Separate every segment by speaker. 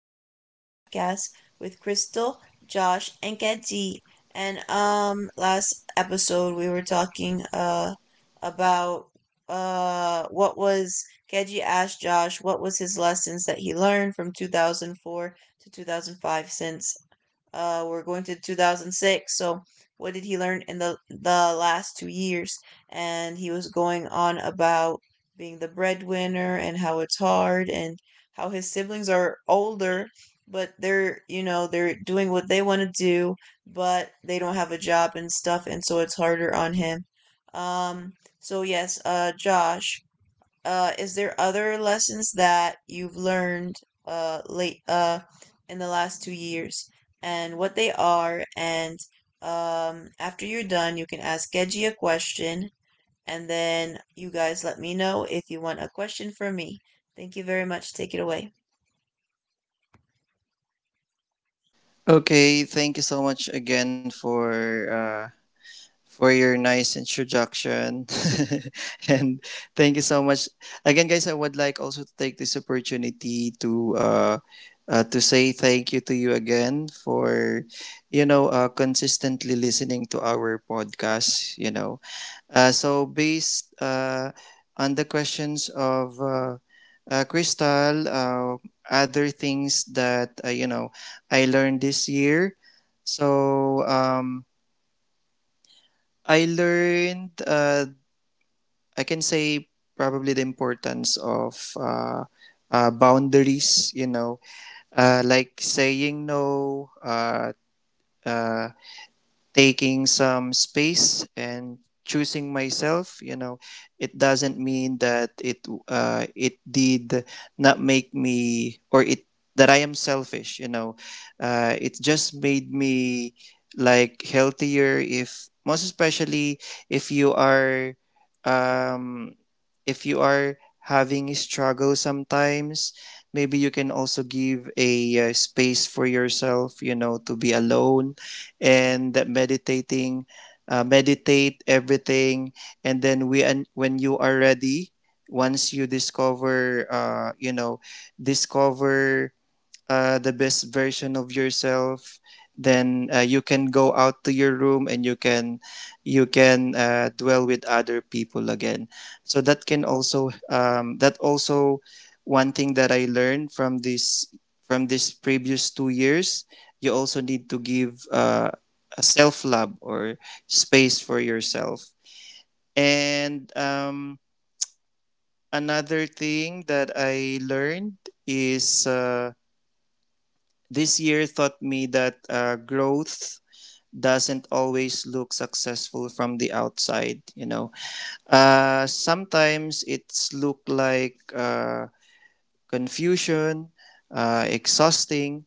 Speaker 1: to another podcast with Crystal, Josh, and Kenzie. And last episode we were talking about what was Kenji asked Josh what was his lessons that he learned from 2004 to 2005, since we're going to 2006. So what did he learn in the last 2 years? And he was going on about being the breadwinner and how it's hard, and how his siblings are older but they're, you know, they're doing what they want to do, but they don't have a job and stuff, and so it's harder on him. um so yes. Josh, is there other lessons that you've learned late in the last 2 years, and what they are? And after you're done, you can ask Geji a question, and then you guys let me know if you want a question from me. Thank you very much. Take it away.
Speaker 2: Okay, thank you so much again for your nice introduction, and thank you so much again, guys. I would like also to take this opportunity to say thank you to you again for consistently listening to our podcast. You know, so based on the questions of Crystal, other things that I learned this year. So I learned I can say probably the importance of boundaries. You know, like saying no. Uh, Taking some space and choosing myself, you know. It doesn't mean that it did not make me or it that I am selfish, you know. It just made me like healthier, if most especially if you are um if you are having a struggle sometimes. Maybe you can also give a space for yourself, you know, to be alone and that meditating meditate everything. And then we and when you are ready, once you discover discover the best version of yourself, then you can go out to your room and you can dwell with other people again. So that can also that also one thing that I learned from this previous 2 years: you also need to give a self love or space for yourself. And another thing that I learned is this year taught me that growth doesn't always look successful from the outside. You know, sometimes it's look like confusion, exhausting,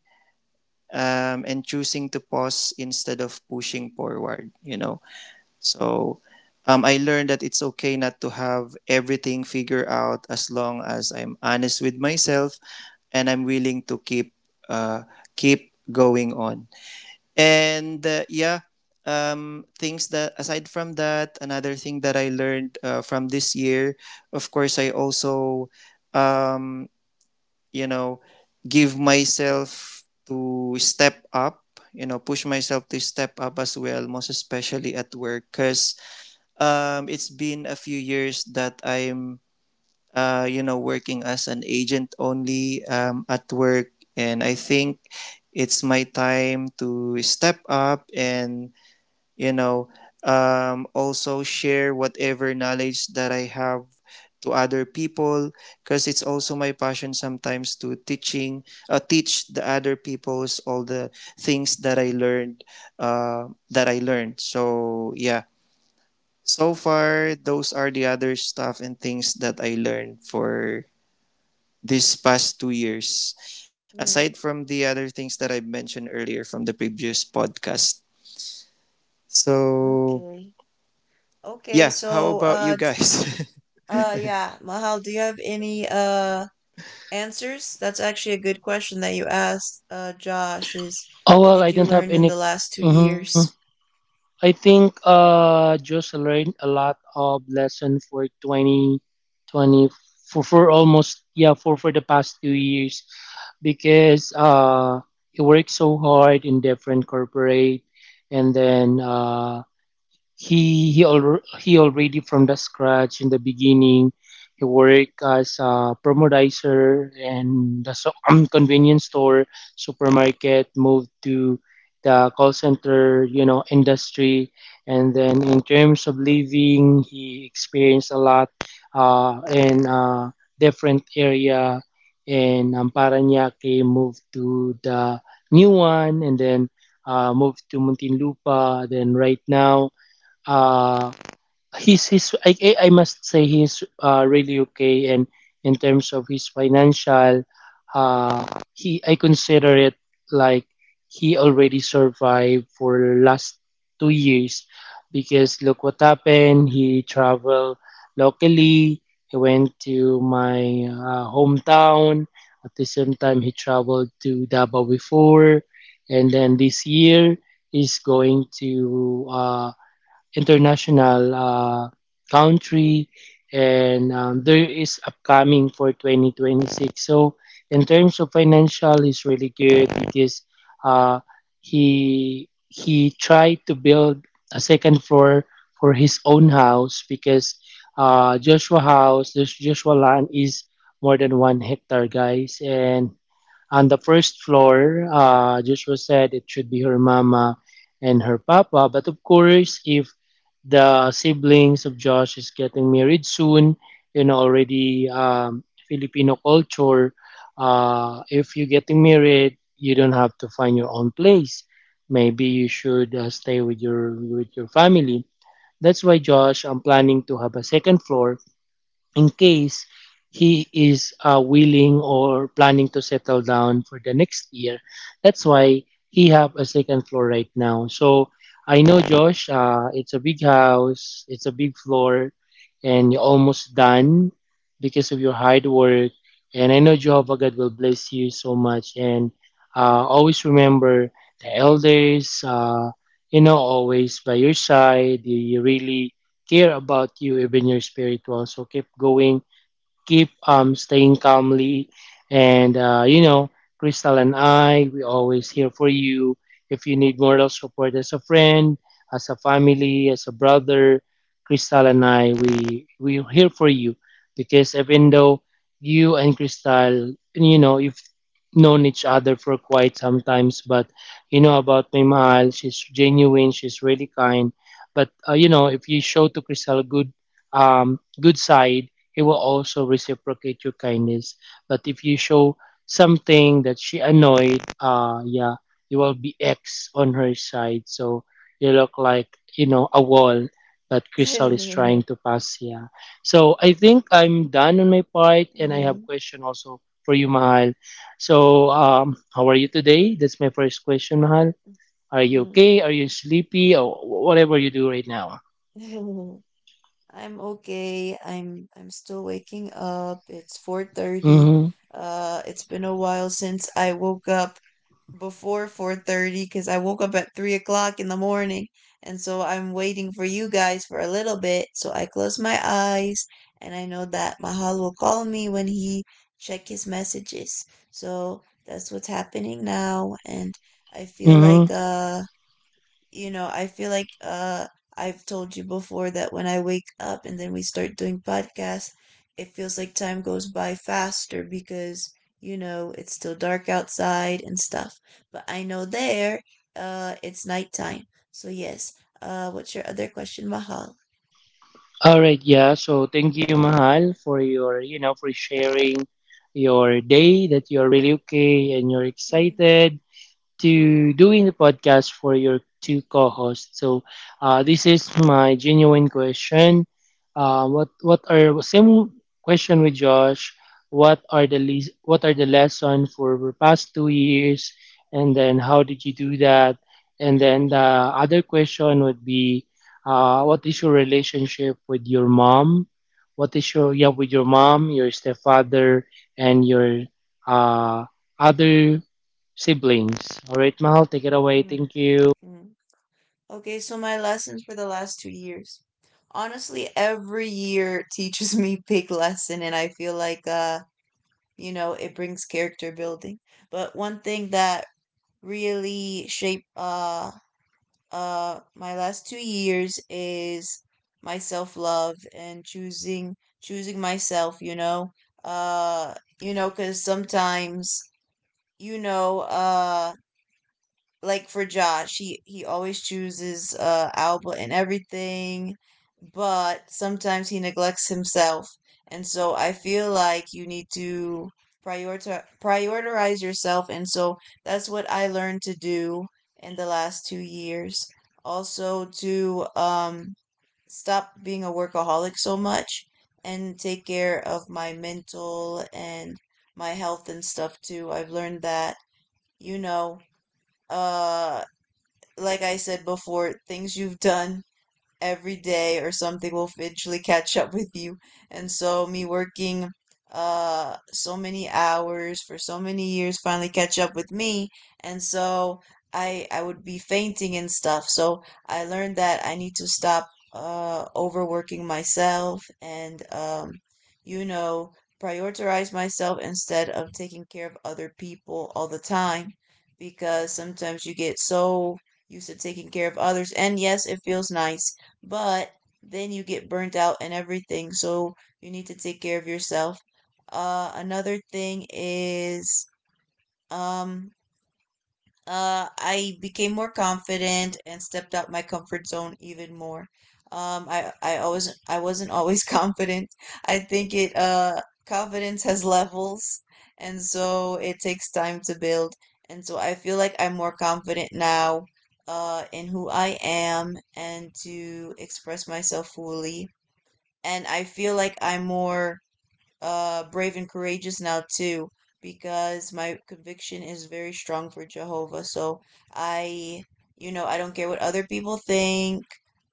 Speaker 2: and choosing to pause instead of pushing forward. You know, so. I learned that it's okay not to have everything figured out, as long as I'm honest with myself and I'm willing to keep keep going on. And yeah. Things that Aside from that, another thing that I learned from this year, of course I also um, you know give myself to step up, you know, push myself to step up as well, most especially at work, because it's been a few years that I'm working as an agent only at work. And I think it's my time to step up and, you know, also share whatever knowledge that I have to other people, because it's also my passion sometimes to teach the other people's all the things that I learned that I learned. So yeah, so far those are the other stuff and things that I learned for this past 2 years, aside
Speaker 1: Hmm.
Speaker 2: from the other things that I mentioned earlier from the previous podcast. So,
Speaker 1: Okay. Okay,
Speaker 2: yeah, how
Speaker 1: so
Speaker 2: about you guys?
Speaker 1: yeah, Mahal, do you have any answers? That's actually a good question that you asked, Josh, is
Speaker 3: Oh
Speaker 1: what
Speaker 3: well,
Speaker 1: did
Speaker 3: I
Speaker 1: you
Speaker 3: didn't
Speaker 1: learn
Speaker 3: have
Speaker 1: in the
Speaker 3: any.
Speaker 1: last two
Speaker 3: Mhm.
Speaker 1: years?
Speaker 3: I think just learned a lot of lesson for 2020 for almost yeah for the past 2 years because I worked so hard in different corporate and then he already from the scratch in the beginning. He worked as a promodizer and the convenience store, supermarket. Moved to the call center, you know, industry. And then in terms of living, he experienced a lot in different area in Paranaque. Moved to the new one, and then moved to Muntinlupa. Then right now uh he's I must say he's really okay and in terms of his financial he I consider it like he already survived for last 2 years because look what happened. He traveled locally, he went to my hometown. At the same time he traveled to Davao before, and then this year he's going to international country, and there is upcoming for 2026. So in terms of financial he's really good because uh, he tried to build a second floor for his own house because joshua house, this joshua land is more than one hectare guys. And on the first floor, Joshua said it should be her mama and her papa. But of course, if the siblings of Josh is getting married soon, you know, already Filipino culture, if you're getting married, you don't have to find your own place. Maybe you should stay with your family. That's why Josh, I'm planning to have a second floor in case he is willing or planning to settle down for the next year. That's why he have a second floor right now. So I know Josh, it's a big house, it's a big floor, and you're almost done because of your hard work. And I know Jehovah God will bless you so much. And always remember the elders, you know, always by your side. You really care about you, even your spiritual. So keep going, keep staying calmly. And, you know, Crystal and I, we always here for you. If you need moral support as a friend, as a family, as a brother, Crystal and I, we're here for you. Because even though you and Crystal, you know, you've known each other for quite some times, but you know about my mahal, she's genuine, she's really kind. But, you know, if you show to Crystal a good, good side, he will also reciprocate your kindness. But if you show something that she annoyed, yeah, you will be X on her side. So you look like, you know, a wall that Crystal is trying to pass. Yeah. So I think I'm done on my part, and I have
Speaker 1: Mm,
Speaker 3: question also for you, Mahal. So, how are you today? That's my first question, Mahal. Are you
Speaker 1: mm.
Speaker 3: okay? Are you sleepy? Or whatever you do right now.
Speaker 1: I'm okay. I'm still waking up. It's 4:30.
Speaker 3: Mm-hmm.
Speaker 1: It's been a while since I woke up before 4:30, because I woke up at 3 o'clock in the morning, and so I'm waiting for you guys for a little bit, so I close my eyes, and I know that mahal will call me when he check his messages. So that's what's happening now. And I feel
Speaker 3: Mm-hmm.
Speaker 1: like you know, I feel like I've told you before that when I wake up and then we start doing podcasts, it feels like time goes by faster because, you know, it's still dark outside and stuff. But I know there, it's nighttime. So yes. What's your other question, Mahal?
Speaker 3: All right, yeah. So thank you, Mahal, for your, you know, for sharing your day, that you're really okay and you're
Speaker 1: Hmm,
Speaker 3: excited to doing the podcast for your two co-hosts. So this is my genuine question. What are same question with Josh? What are what are the lesson for the past 2 years? And then how did you do that? And then the other question would be, what is your relationship with your mom? What is your yeah with your mom, your stepfather, and your uh, other siblings. Alright, Mahal, take it away.
Speaker 1: hmm,
Speaker 3: Thank you.
Speaker 1: hmm. Okay, so my lessons for the last 2 years. Honestly, every year teaches me big lesson, and I feel like you know, it brings character building. But one thing that really shaped my last 2 years is my self-love and choosing myself, you know. uh because sometimes, you know, like for Josh, he always chooses Alba and everything, but sometimes he neglects himself. And so I feel like you need to prioritize yourself, and so that's what I learned to do in the last 2 years. Also, to stop being a workaholic so much and take care of my mental and my health and stuff too. I've learned that, you know, uh like I said before, things you've done every day or something will eventually catch up with you. And so me working so many hours for so many years finally catch up with me. And so I would be fainting and stuff. So I learned that I need to stop overworking myself, and you know, prioritize myself instead of taking care of other people all the time, because sometimes you get so used to taking care of others. And yes, it feels nice. But then you get burnt out and everything, so you need to take care of yourself. Another thing is um I became more confident and stepped out my comfort zone even more. I always— I wasn't always confident. I think it confidence has levels, and so it takes time to build. And so I feel like I'm more confident now, in who I am, and to express myself fully. And I feel like I'm more brave and courageous now too, because my conviction is very strong for Jehovah. So I, you know, I don't care what other people think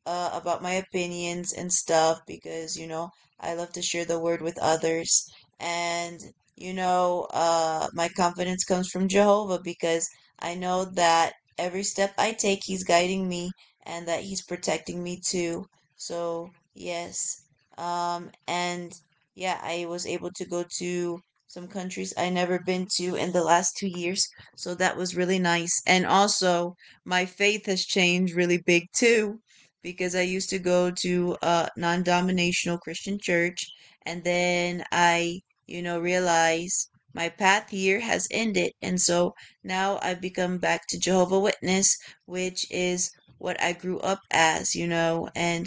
Speaker 1: about my opinions and stuff, because you know I love to share the word with others, and you know, my confidence comes from Jehovah, because I know that every step I take, He's guiding me, and that He's protecting me too. So yes, and yeah, I was able to go to some countries I never been to in the last 2 years, so that was really nice. And also, my faith has changed really big too, because I used to go to a non-denominational Christian church, and then I, you know, realize my path here has ended, and so now I've become back to Jehovah Witness, which is what I grew up as, you know. And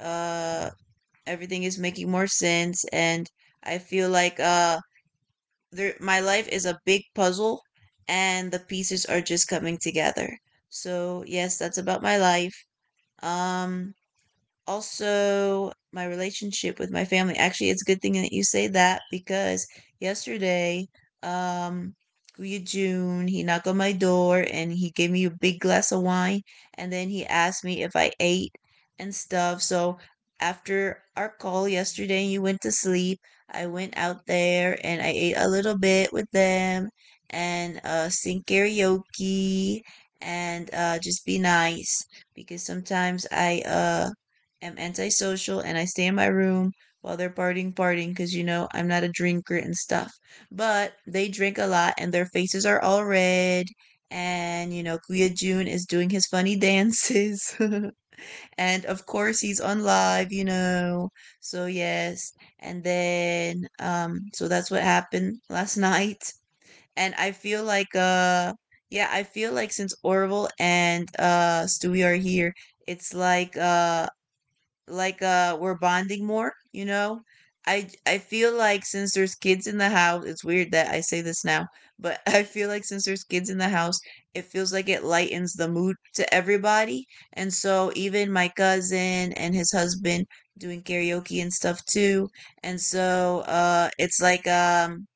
Speaker 1: uh everything is making more sense, and I feel like there— my life is a big puzzle and the pieces are just coming together. So, yes, that's about my life. Um Also, my relationship with my family. Actually, it's a good thing that you say that, because yesterday, um, June, he knocked on my door and he gave me a big glass of wine, and then he asked me if I ate and stuff. So after our call yesterday, you went to sleep. I went out there and I ate a little bit with them, and sing karaoke, and just be nice, because sometimes I am antisocial and I stay in my room while they're partying, partying, because you know I'm not a drinker and stuff. But they drink a lot and their faces are all red. And you know, Kuya Jun is doing his funny dances. and of course, he's on live, you know. So, yes. And then, so that's what happened last night. And I feel like, yeah, I feel like since Orville and Stewie are here, it's like, like we're bonding more, you know? I feel like since there's kids in the house— it's weird that I say this now, but I feel like since there's kids in the house, it feels like it lightens the mood to everybody. And so even my cousin and his husband doing karaoke and stuff too. And so it's like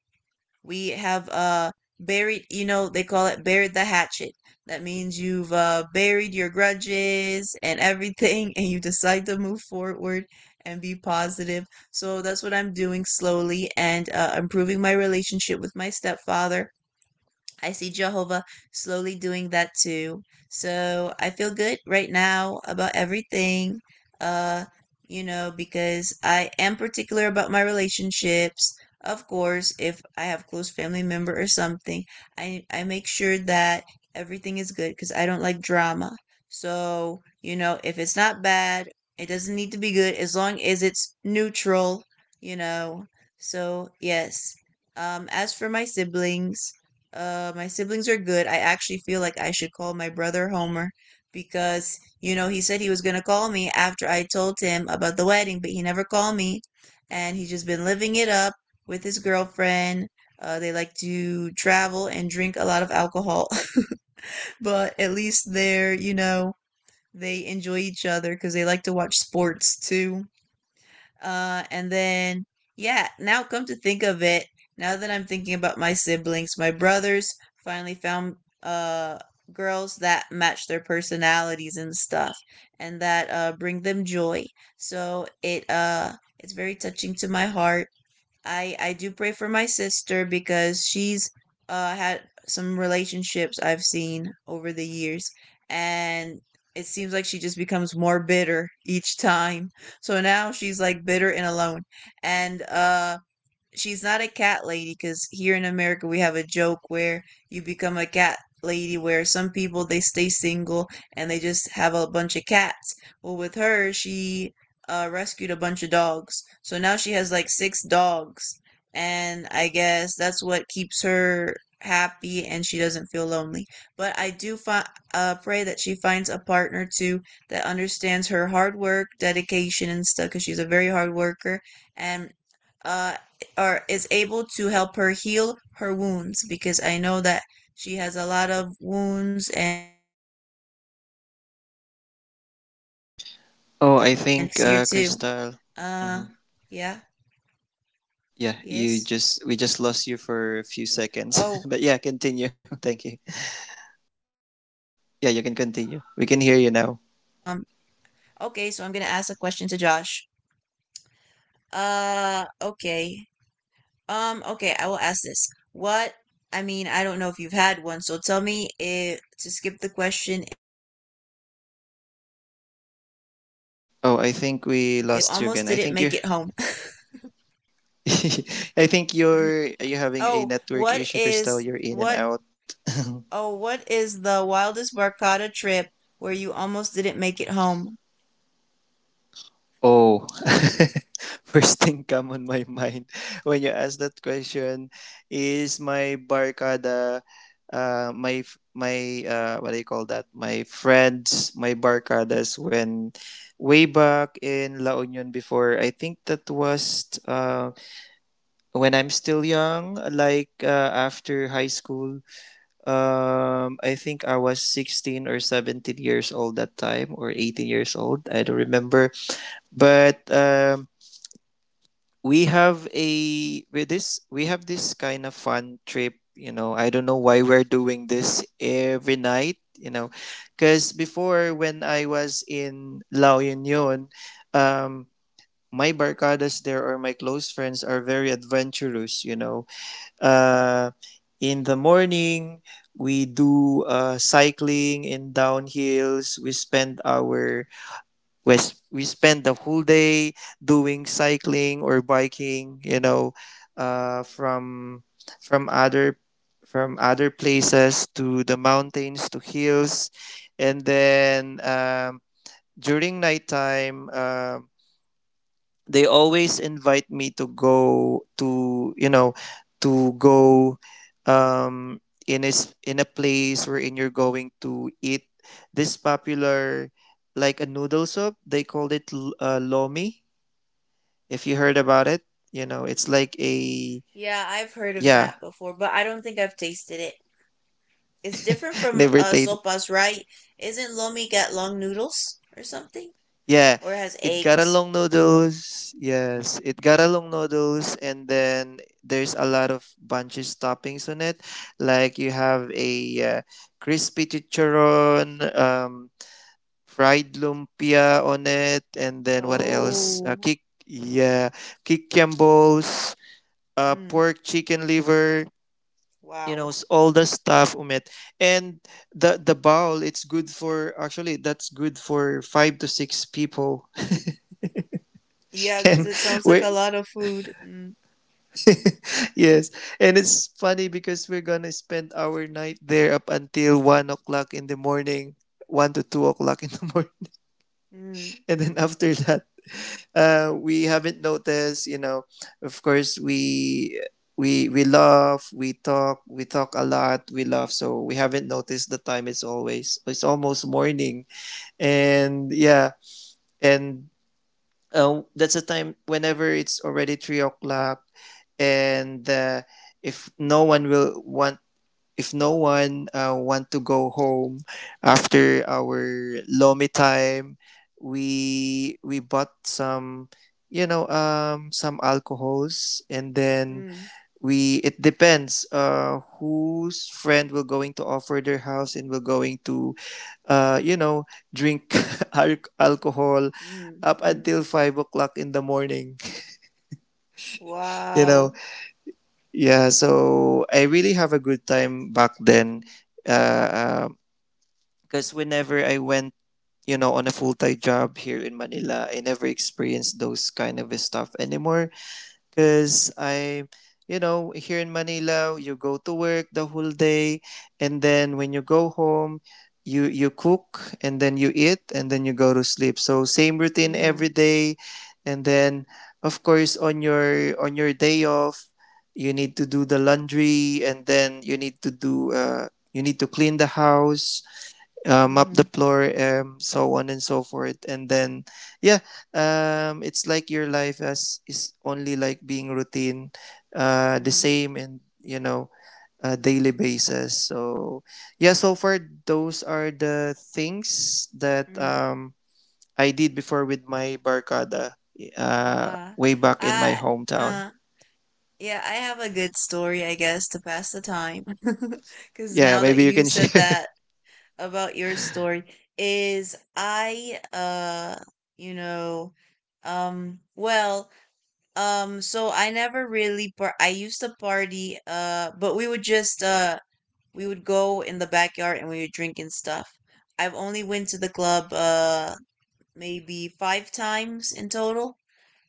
Speaker 1: we have buried, you know, they call it buried the hatchet. That means you've buried your grudges and everything, and you decide to move forward and be positive. So that's what I'm doing slowly, and improving my relationship with my stepfather. I see Jehovah slowly doing that too. So I feel good right now about everything. Uh, you know, because I am particular about my relationships. Of course, if I have close family member or something, I make sure that everything is good because I don't like drama. So, you know, if it's not bad, it doesn't need to be good, as long as it's neutral, you know. So, yes. As for my siblings are good. I actually feel like I should call my brother Homer, because, you know, he said he was going to call me after I told him about the wedding, but he never called me. And he's just been living it up with his girlfriend. They like to travel and drink a lot of alcohol, but at least they're, you know, they enjoy each other because they like to watch sports too. And then, yeah, now come to think of it, now that I'm thinking about my siblings, my brothers finally found uh, girls that match their personalities and stuff, and that bring them joy. So it it's very touching to my heart. I do pray for my sister, because she's had some relationships I've seen over the years, and it seems like she just becomes more bitter each time. So now she's like bitter and alone. And she's not a cat lady, because here in America we have a joke where you become a cat lady where some people they stay single and they just have a bunch of cats. Well, with her, she rescued a bunch of dogs, so now she has like 6 dogs, and I guess that's what keeps her happy, and she doesn't feel lonely. But I do pray that she finds a partner too, that understands her hard work, dedication, and stuff, because she's a very hard worker, and. Uh, or is able to help her heal her wounds, because I know that she has a lot of wounds, and her heart has been broken a lot. So that's what I pray for the next
Speaker 2: Oh,
Speaker 1: year
Speaker 2: I
Speaker 1: too.
Speaker 2: think Crystal.
Speaker 1: Uh,
Speaker 2: Mhm.
Speaker 1: yeah,
Speaker 2: Yeah,
Speaker 1: yes.
Speaker 2: you just we just lost you for a few seconds,
Speaker 1: Oh,
Speaker 2: but yeah,
Speaker 1: oh,
Speaker 2: continue. Thank
Speaker 1: oh,
Speaker 2: you.
Speaker 1: yeah. Well, yeah.
Speaker 2: Yeah, you can
Speaker 1: So,
Speaker 2: continue. We can hear you now.
Speaker 1: okay. So I'm gonna ask a question to Josh. Okay. Okay, I will ask this. What, I mean, I don't know if you've had one, so tell me if to skip the question if so. It says, what's the wildest barcada trip
Speaker 2: Oh,
Speaker 1: where
Speaker 2: I
Speaker 1: you
Speaker 2: think
Speaker 1: almost
Speaker 2: we
Speaker 1: didn't
Speaker 2: lost
Speaker 1: make
Speaker 2: you
Speaker 1: it
Speaker 2: again. I
Speaker 1: home?
Speaker 2: think you. I think you're you having a
Speaker 1: oh,
Speaker 2: network
Speaker 1: what
Speaker 2: issue,
Speaker 1: is—
Speaker 2: Crystal. You're in and
Speaker 1: what—
Speaker 2: out.
Speaker 1: oh, what is the wildest barcada trip where you almost didn't make it home?
Speaker 2: Oh, first thing come on my mind when you ask that question is my barkada, my what do you call that? My friends, my barkadas when way back in La Union before. I think that was when I'm still young, like after high school. I think I was 16 or 17 years old that time, or 18 years old. I don't remember, but. We have a with this we have this kind of fun trip, you know. I don't know why we're doing this every night, you know, because before when I was in La Union, um my barcadas there or my close friends are very adventurous, you know. uh in the morning we do cycling in downhills. We spend our we, s- We spend the whole day doing cycling or biking, you know, uh, from from other from other places to the mountains to hills. And then during nighttime they always invite me to go to you know to go um in a in a place wherein you're going to eat this popular, like, a noodle soup. They called it lomi, if you heard about it. You know, it's like a
Speaker 1: Yeah, I've heard of
Speaker 2: yeah.
Speaker 1: that before, but I don't think I've tasted it. It's different from
Speaker 2: never ta-
Speaker 1: sopas, right? Isn't lomi got long noodles or something?
Speaker 2: Yeah,
Speaker 1: Or has
Speaker 2: it got a
Speaker 1: eggs.
Speaker 2: long noodles. Yes, it got a long noodles, and then there's a lot of bunches toppings on it. Like you have a uh, crispy chicharon, fried lumpia on it, and then what else?
Speaker 1: Oh,
Speaker 2: Yeah, kikiambos,
Speaker 1: mm,
Speaker 2: pork, chicken liver. You know,
Speaker 1: wow.
Speaker 2: all the stuff on it, and the bowl. It's good for actually. That's good for five to six people.
Speaker 1: Yeah, because
Speaker 2: And
Speaker 1: it sounds like a
Speaker 2: we
Speaker 1: lot of food. Mm,
Speaker 2: yes and it's funny because we're gonna spend our night there up until 1 o'clock in the morning, 1 to 2 o'clock in the morning.
Speaker 1: mm,
Speaker 2: And then after that we haven't noticed, you know. Of course we laugh, we talk, we talk a lot, we laugh. So we haven't noticed the time, it's always, it's almost morning. And yeah, and that's the time whenever it's already 3 o'clock. And if no one will want if no one want to go home after our lomi time, we bought some, you know, some alcohols. And then
Speaker 1: mm,
Speaker 2: we it depends whose friend will going to offer their house and will going to uh you know drink alcohol
Speaker 1: mm,
Speaker 2: up
Speaker 1: mm.
Speaker 2: until 5 o'clock in the morning. You
Speaker 1: Wow.
Speaker 2: know, yeah, so I really have a good time back then, uh because whenever I went, you know, on a full-time job here in Manila, I never experienced those kind of stuff anymore, because I, you know, here in Manila, you go to work the whole day, and then when you go home, you cook and then you eat and then you go to sleep. So same routine every
Speaker 1: Mm,
Speaker 2: day. And then of course on your day off, you need to do the laundry, and then you need to do you need to clean the house, map
Speaker 1: mm-hmm,
Speaker 2: the floor, so on and so forth. And then, yeah, it's like your life as is only like being routine, the
Speaker 1: mm,
Speaker 2: same, and you know, daily basis. So yeah, so far those are the things that
Speaker 1: mm.
Speaker 2: I did before with my barkada,
Speaker 1: Ah,
Speaker 2: way back in my
Speaker 1: I,
Speaker 2: hometown.
Speaker 1: uh, yeah, I have a good story, I guess, to pass the time. Because
Speaker 2: Yeah,
Speaker 1: now that
Speaker 2: maybe you
Speaker 1: you
Speaker 2: can
Speaker 1: said
Speaker 2: share.
Speaker 1: that about your story, is I, uh, you know, well, so I never really I used to party, but we would go in the backyard and we would drink and stuff. I've only went to the club maybe five times in total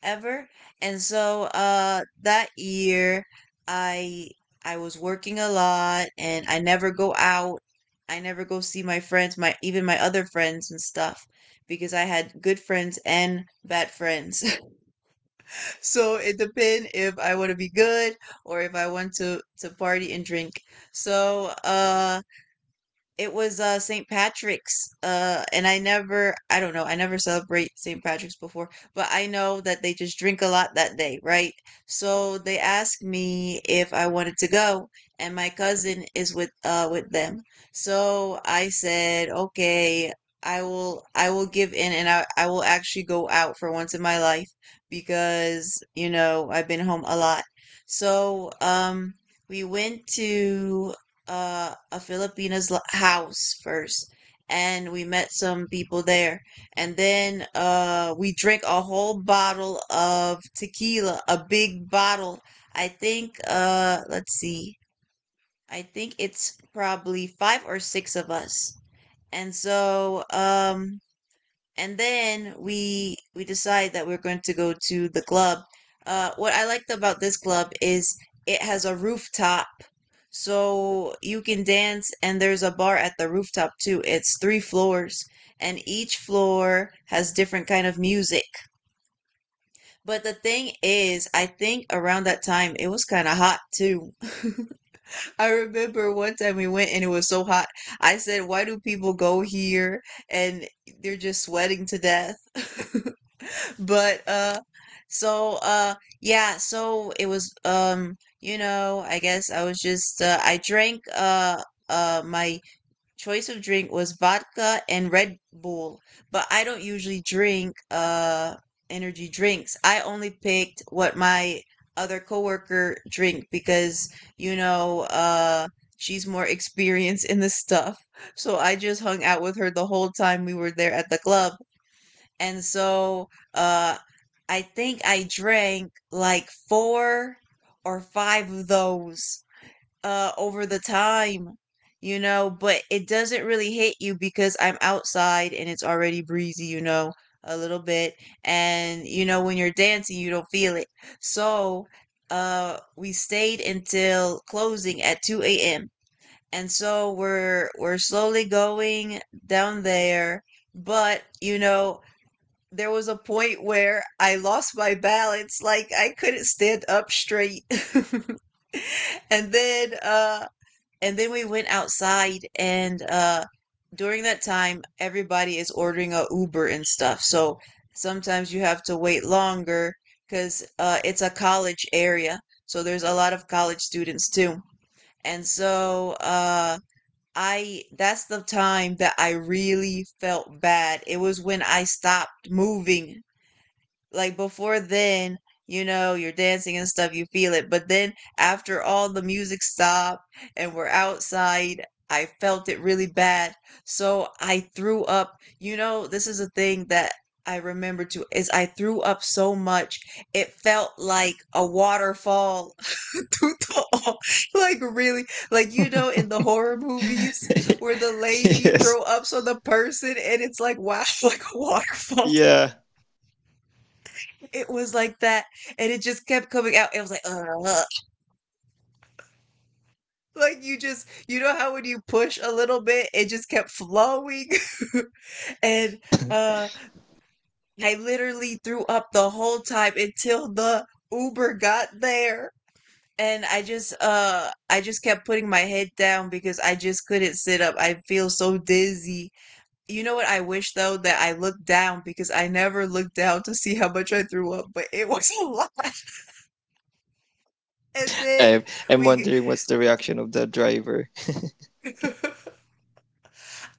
Speaker 1: ever. And so that year I I was working a lot and I never go out. I never go see my friends, my even my other friends and stuff because I had good friends and bad friends. so it depends if I want to be good or if I want to party and drink. So it was St. Patrick's. And I don't know, I never celebrate St. Patrick's before, but I know that they just drink a lot that day, right? So they asked me if I wanted to go and my cousin is with them. So I said, "Okay, I will give in and I will actually go out for once in my life because, I've been home a lot." So, we went to a Filipina's house first, and we met some people there, and then we drank a whole bottle of tequila, a big bottle. I think let's see, I think it's probably five or six of us, and so and then we decide that we're going to go to the club. What I liked about this club is it has a rooftop, so you can dance, and there's a bar at the rooftop too. It's three floors, and each floor has different kind of music. But the thing is, I think around that time it was kind of hot too. I remember one time we went and it was so hot. I said, "Why do people go here?" and they're just sweating to death. But, so, yeah, so it was, I guess my choice of drink was vodka and Red Bull, but I don't usually drink, energy drinks. I only picked what my other coworker drink because, you know, uh, she's more experienced in the stuff. So I just hung out with her the whole time we were there at the club and so uh I think I drank like four or five of those over the time, but it doesn't really hit you because I'm outside and it's already breezy, a little bit and when you're dancing you don't feel it. So, we stayed until closing at 2 a.m. And so we're slowly going down there, but there was a point where I lost my balance, like I couldn't stand up straight. and then uh and then we went outside and during that time everybody is ordering a Uber and stuff. So sometimes you have to wait longer cuz it's a college area. So there's a lot of college students too. And so I that's the time that I really felt bad. It was when I stopped moving like before then, you're dancing and stuff, you feel it. But then after all the music stopped and we're outside, I felt it really bad. So I threw up. You know, this is a thing that I remember too is I threw up so much it felt like a waterfall. Totoo. Like really, like in the horror movies where the lady
Speaker 2: Yes.
Speaker 1: throw ups on the person and it's like wow, like a waterfall.
Speaker 2: Yeah.
Speaker 1: It was like that, and it just kept coming out. It was like, "Ugh." Like you just, you know how when you push a little bit, it just kept flowing. And uh, I literally threw up the whole time until the Uber got there, and I just, kept putting my head down because I just couldn't sit up. I feel so dizzy. You know what I wish though, that I looked down, because I never looked down to see how much I threw up, but it was a lot. And then
Speaker 2: I'm, I'm
Speaker 1: we.
Speaker 2: wondering what's the reaction of the driver.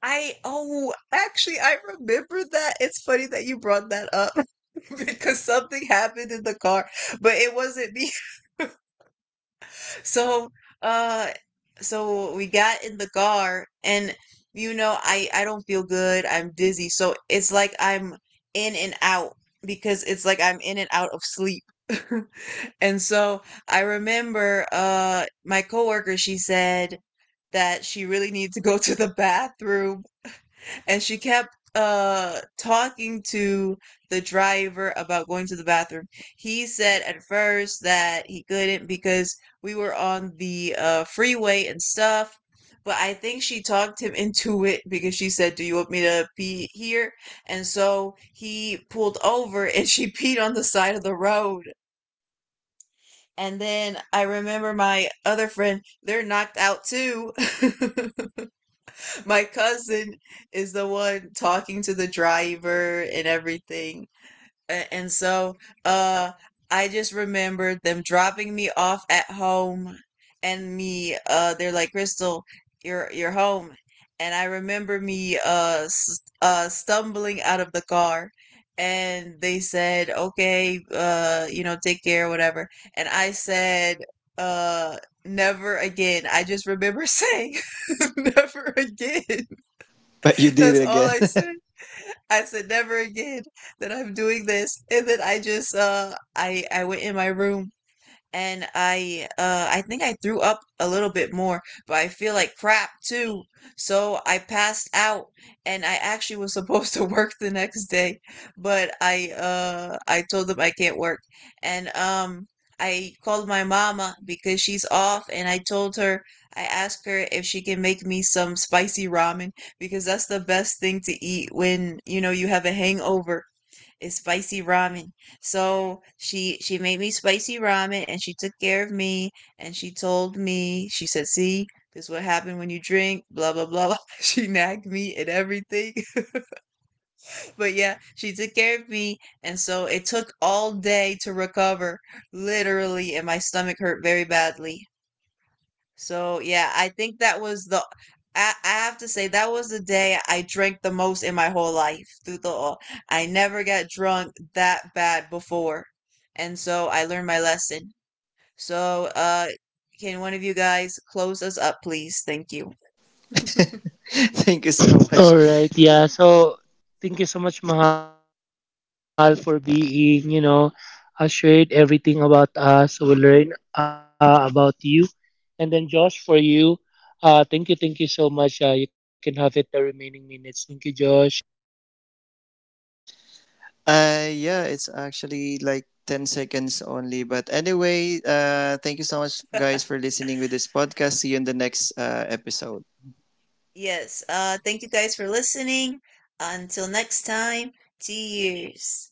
Speaker 1: I oh, actually, I remember that. It's funny that you brought that up, because something happened in the car, but it wasn't me. So, uh, so we got in the car, and I don't feel good. I'm dizzy, so it's like I'm in and out, because it's like I'm in and out of sleep. And so I remember, my coworker, she said that she really needs to go to the bathroom, and she kept talking to the driver about going to the bathroom. He said at first that he couldn't because we were on the freeway and stuff. But I think she talked him into it because she said, "Do you want me to pee here?" And so he pulled over and she peed on the side of the road. And then I remember my other friend, they're knocked out too. My cousin is the one talking to the driver and everything. And so uh I just remembered them dropping me off at home and me they're like, "Crystal, you're home." And I remember me s stumbling out of the car, and they said, "Okay, take care, whatever." And I said, uh never again. I just remember saying, never again.
Speaker 2: But you did
Speaker 1: That's
Speaker 2: it
Speaker 1: all
Speaker 2: again.
Speaker 1: I said. I said never again that I'm doing this. And then I went in my room, and I think I threw up a little bit more, but I feel like crap too. So I passed out, and I actually was supposed to work the next day, but I told them I can't work. And I called my mama because she's off, and I told her, I asked her if she can make me some spicy ramen, because that's the best thing to eat when you know you have a hangover is spicy ramen. So she made me spicy ramen, and she took care of me, and she told me, she said, "See, this is what happened when you drink. Blah blah blah blah." She nagged me and everything. But yeah, she took care of me, and so it took all day to recover, literally, and my stomach hurt very badly. So yeah, I think that was the. I have to say that was the day I drank the most in my whole life through the all. I never got drunk that bad before, and so I learned my lesson. So can one of you guys close us up, please? Thank you.
Speaker 2: Thank you so much.
Speaker 3: Alright, yeah. So, thank you so much, Mahal, for being, you know, shared everything about us. We learn about you. And then, Josh, for you, thank you so much. You can have it the remaining minutes. Thank you, Josh.
Speaker 2: Yeah, it's actually like 10 seconds only. But anyway, thank you so much, guys, for listening with this podcast. See you in the next episode.
Speaker 1: Yes. Thank you guys for listening. Until next time, cheers.